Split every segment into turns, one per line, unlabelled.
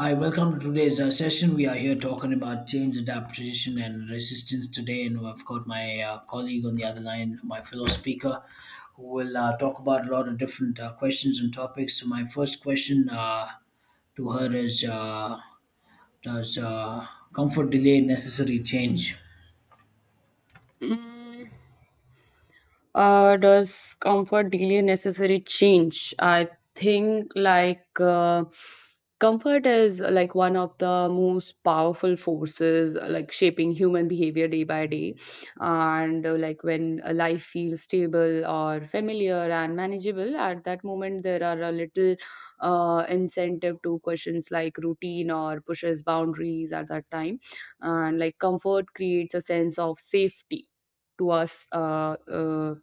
Hi, welcome to today's session. We are here talking about change, adaptation, and resistance today, and I've got my colleague on the other line, my fellow speaker, who will talk about a lot of different questions and topics. So, my first question to her is: does comfort delay necessary change?
嗯 Does comfort delay necessary change? I think like comfort is like one of the most powerful forces like shaping human behavior day by day. And like when a life feels stable or familiar and manageable, at that moment there are a little incentive to questions like routine or pushes boundaries at that time. And like comfort creates a sense of safety to us, uh, uh,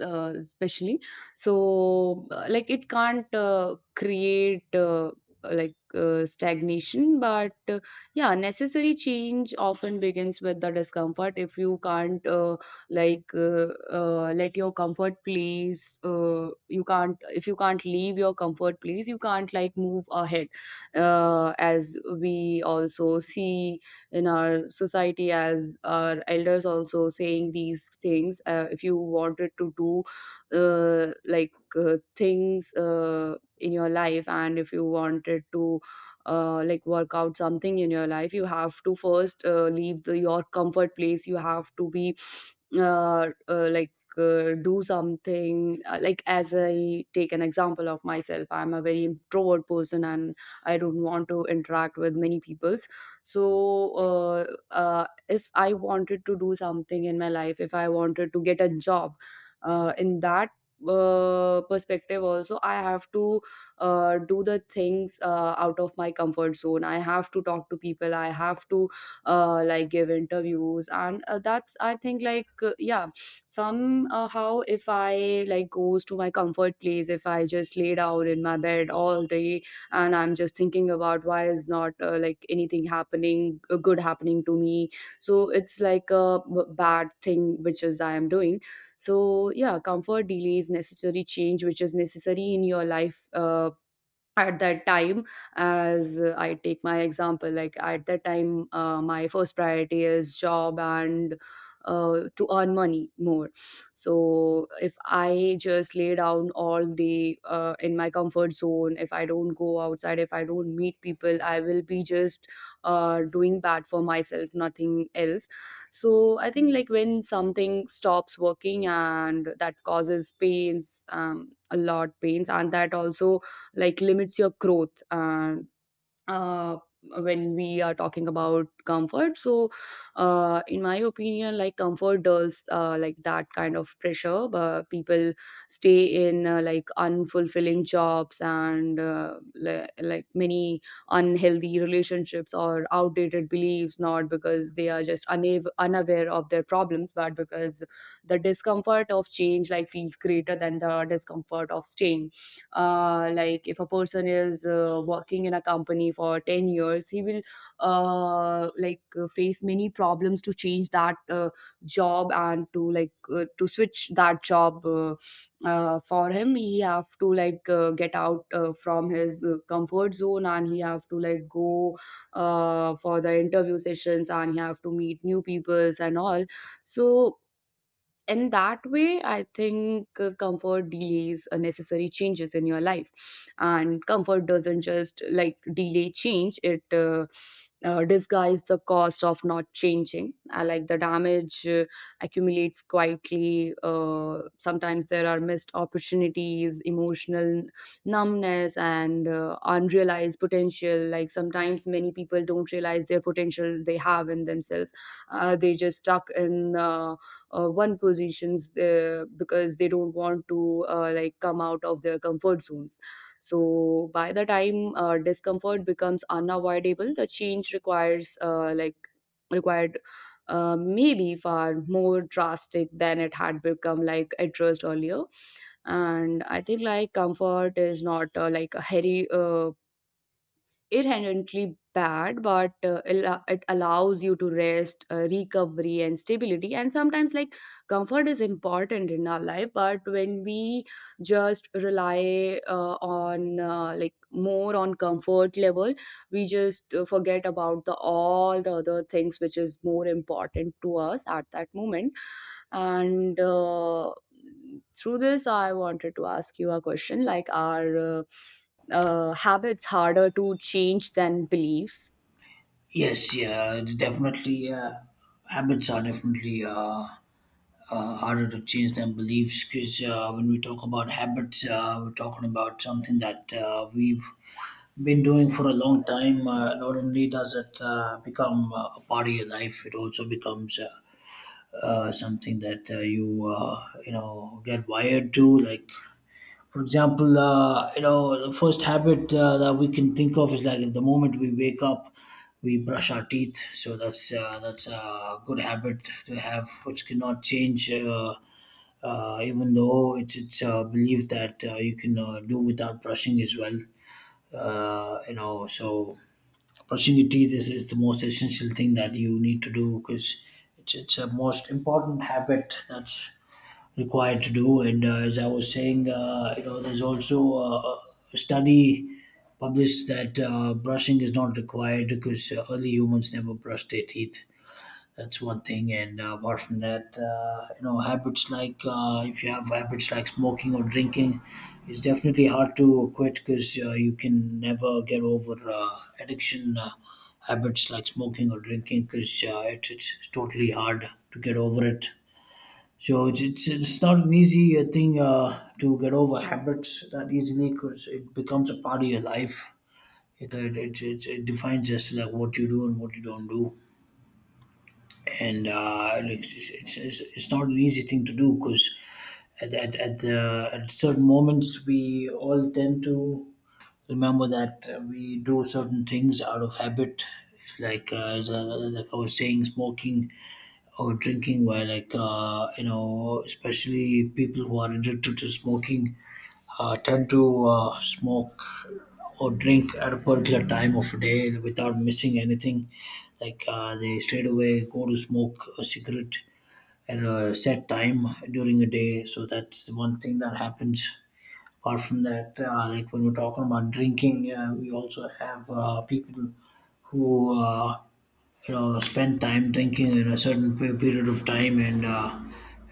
uh, especially. So like it can't create stagnation, but yeah, necessary change often begins with the discomfort. If you can't let your comfort place, you can't if you can't leave your comfort place, you can't like move ahead, as we also see in our society, as our elders also saying these things. If you wanted to do things in your life, and if you wanted to like work out something in your life, you have to first leave your comfort place, you have to be uh, uh, like do something, like as I take an example of myself, I'm a very introvert person and I don't want to interact with many people. So if I wanted to do something in my life, if I wanted to get a job in that perspective also, I have to do the things out of my comfort zone. I have to talk to people, I have to like give interviews, and that's, I think like, yeah, somehow if I like goes to my comfort place, if I just lay down in my bed all day and I'm just thinking about why is not like anything happening, good happening to me, so it's like a bad thing which is I am doing. So yeah, comfort delays necessary change which is necessary in your life at that time. As I take my example, like at that time my first priority is job and to earn money more. So if I just lay down all the in my comfort zone, if I don't go outside, if I don't meet people, I will be just doing bad for myself, nothing else. So I think like when something stops working and that causes pains, a lot pains, and that also like limits your growth. And uh, when we are talking about comfort, so in my opinion, like comfort does like that kind of pressure. But people stay in like unfulfilling jobs and like many unhealthy relationships or outdated beliefs, not because they are just unaware of their problems, but because the discomfort of change like feels greater than the discomfort of staying. Like if a person is working in a company for 10 years, he will face many problems to change that job and to like to switch that job. For him, he have to like get out from his comfort zone, and he have to like go for the interview sessions, and he have to meet new peoples and all. So in that way, I think comfort delays unnecessary changes in your life. And comfort doesn't just like delay change, it disguise the cost of not changing. I like the damage accumulates quietly. Sometimes there are missed opportunities, emotional numbness, and unrealized potential. Like sometimes many people don't realize their potential they have in themselves. They just stuck in one positions because they don't want to like come out of their comfort zones. So by the time discomfort becomes unavoidable, the change requires like required maybe far more drastic than it had become like addressed earlier. And I think like comfort is not like a heavy it inherently bad, but it allows you to rest, recovery, and stability. And sometimes, like comfort is important in our life, but when we just rely on like more on comfort level, we just forget about the all the other things which is more important to us at that moment. And through this, I wanted to ask you a question, like are habits harder to change than beliefs?
Yes, yeah, definitely. Habits are definitely. Harder to change than beliefs because when we talk about habits, we're talking about something that we've been doing for a long time. Not only does it become a part of your life, it also becomes something that you you know get wired to. Like for example, you know the first habit that we can think of is like the moment we wake up. We brush our teeth, so that's a good habit to have, which cannot change. Even though it's believed that you can do without brushing as well. You know, so brushing your teeth is the most essential thing that you need to do because it's a most important habit that's required to do. And as I was saying, you know, there's also a study published that brushing is not required because early humans never brushed their teeth. That's one thing. And apart from that, you know, habits like if you have habits like smoking or drinking, it's definitely hard to quit because you can never get over addiction habits like smoking or drinking because it's totally hard to get over it. So it's not an easy thing to get over habits that easily because it becomes a part of your life. It defines just like what you do and what you don't do, and like, it's not an easy thing to do because at certain moments we all tend to remember that we do certain things out of habit. It's like like I was saying, smoking or drinking where like you know especially people who are addicted to smoking tend to smoke or drink at a particular time of day without missing anything. Like they straight away go to smoke a cigarette at a set time during a day. So that's the one thing that happens. Apart from that, like when we're talking about drinking, we also have people who you know spend time drinking in a certain period of time. And.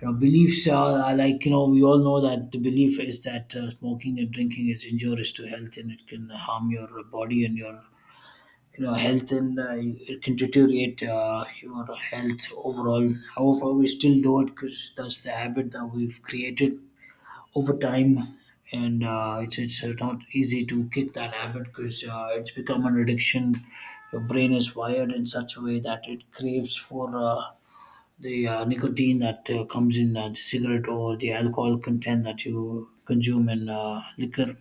You know, beliefs are like you know we all know that the belief is that smoking and drinking is injurious to health and it can harm your body and your you know health, and it can deteriorate your health overall. However, we still do it because that's the habit that we've created over time, and it's not easy to kick that habit because it's become an addiction. Your brain is wired in such a way that it craves for the nicotine that comes in the cigarette, or the alcohol content that you consume in liquor.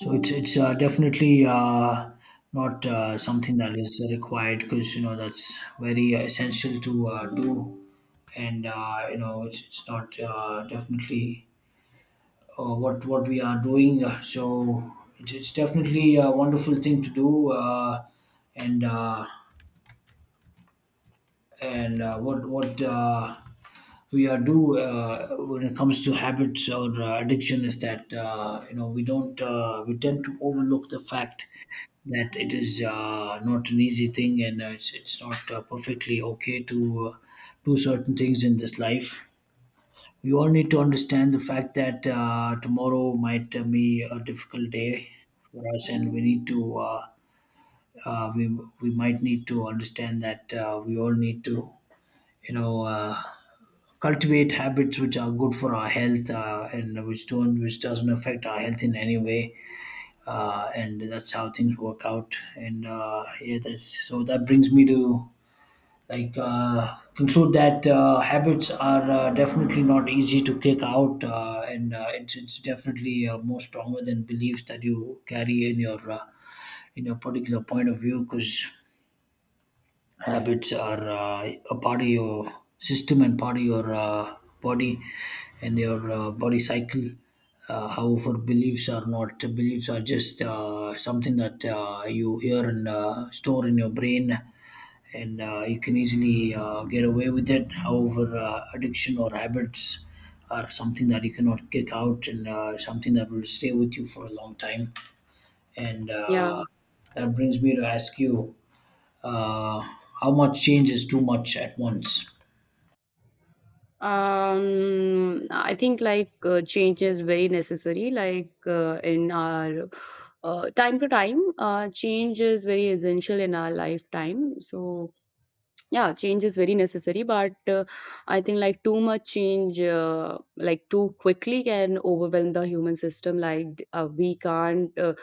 So it's definitely not something that is required because you know that's very essential to do, and you know it's not definitely what what. We are doing. So it's definitely a wonderful thing to do, and uh, and what what. We do when it comes to habits or addiction is that you know we don't we tend to overlook the fact that it is not an easy thing, and it's not perfectly okay to do certain things in this life. We all need to understand the fact that tomorrow might be a difficult day for us, and we need to uh, we we might need to understand that we all need to you know. Uh, cultivate habits which are good for our health, and which don't, which doesn't affect our health in any way, and that's how things work out. And yeah, that's, so that brings me to conclude that habits are definitely not easy to kick out, and it's definitely more stronger than beliefs that you carry in your particular point of view, because habits are a part of your system and part of your body and your body cycle. However, beliefs are not. Beliefs are just something that you hear and store in your brain, and you can easily get away with it. However, addiction or habits are something that you cannot kick out, and something that will stay with you for a long time. And
Yeah.
that brings me to ask you uh, how much change is too much at once?
I think like change is very necessary, like in our time to time change is very essential in our lifetime. So yeah, change is very necessary, but I think like too much change like too quickly can overwhelm the human system. Like we can't uh,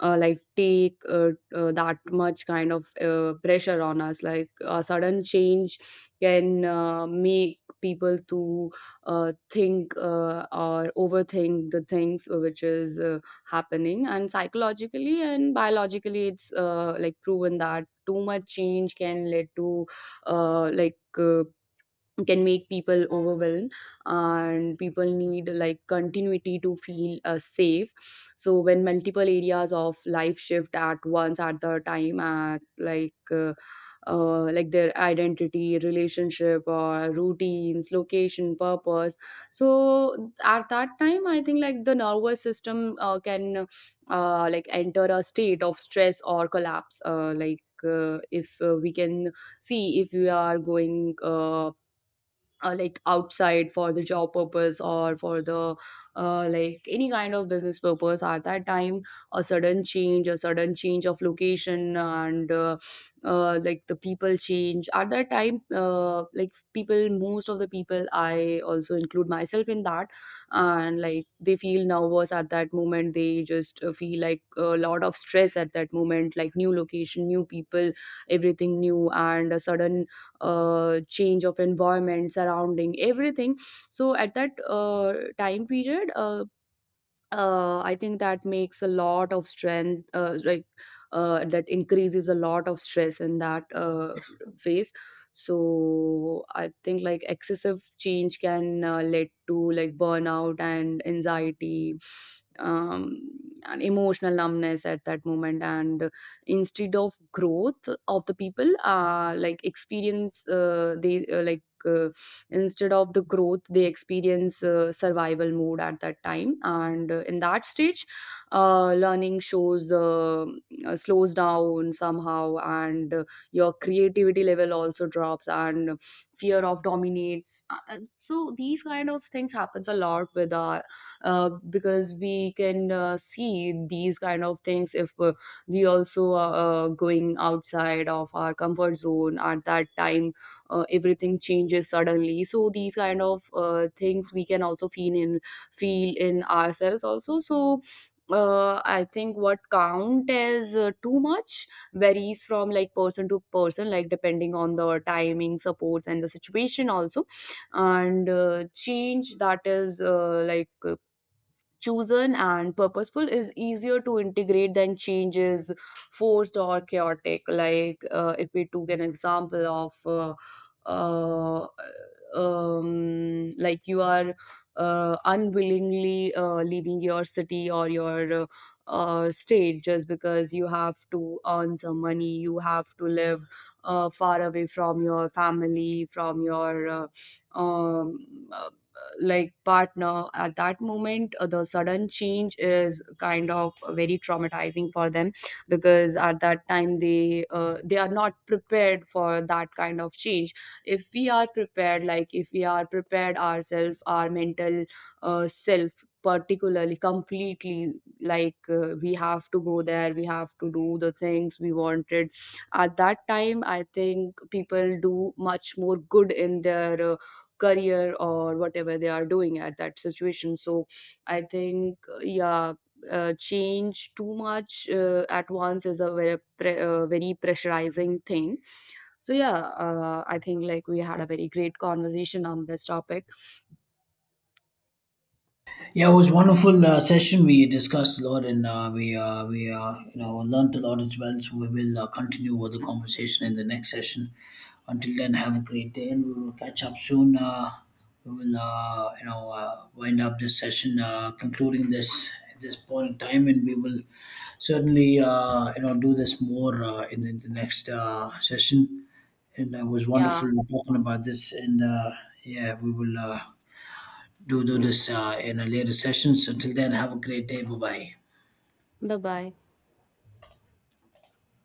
uh, like take that much kind of pressure on us. Like a sudden change can make people to think or overthink the things which is happening. And psychologically and biologically, it's like proven that too much change can lead to like can make people overwhelmed. And people need like continuity to feel safe. So when multiple areas of life shift at once, at the time at like their identity, relationship or routines, location, purpose, so at that time I think like the nervous system can like enter a state of stress or collapse. If we can see, if we are going like outside for the job purpose or for the like any kind of business purpose, at that time a sudden change of location and like the people change at that time, like people most of the people, I also include myself in that, and like they feel nervous at that moment, they just feel like a lot of stress at that moment, like new location, new people, everything new and a sudden change of environment, surrounding, everything. So at that time period, I think that makes a lot of strength, that increases a lot of stress in that phase. So I think like excessive change can lead to like burnout and anxiety, um, and emotional numbness at that moment. And instead of growth of the people, like experience, they like. Uh, Instead of the growth, they experience survival mode at that time, and in that stage, learning shows slows down somehow, and your creativity level also drops, and fear of dominates. So these kind of things happens a lot with our, because we can see these kind of things if we also are going outside of our comfort zone at that time, everything changes suddenly. So these kind of things we can also feel in ourselves also. So I think what count as too much varies from like person to person, like depending on the timing, supports, and the situation also. And change that is chosen and purposeful is easier to integrate than changes forced or chaotic. Like if we took an example of uh, like you are unwillingly leaving your city or your state, just because you have to earn some money, you have to live far away from your family, from your um, like partner. At that moment, the sudden change is kind of very traumatizing for them, because at that time, they are not prepared for that kind of change. If we are prepared, like if we are prepared ourselves, our mental self particularly completely, like we have to go there, we have to do the things we wanted, at that time I think people do much more good in their career or whatever they are doing at that situation. So I think yeah, change too much at once is a very very pressurizing thing. So yeah, I think like we had a very great conversation on this topic.
Yeah, it was wonderful session. We discussed a lot, and we you know learned a lot as well. So we will continue with the conversation in the next session. Until then, have a great day, and we will catch up soon. We will you know wind up this session, concluding this at this point in time, and we will certainly you know do this more in the next session. And it was
Yeah.
wonderful talking about this, and yeah, we will. Do this in a later session. So till then, have a great day. Bye bye.
Bye bye.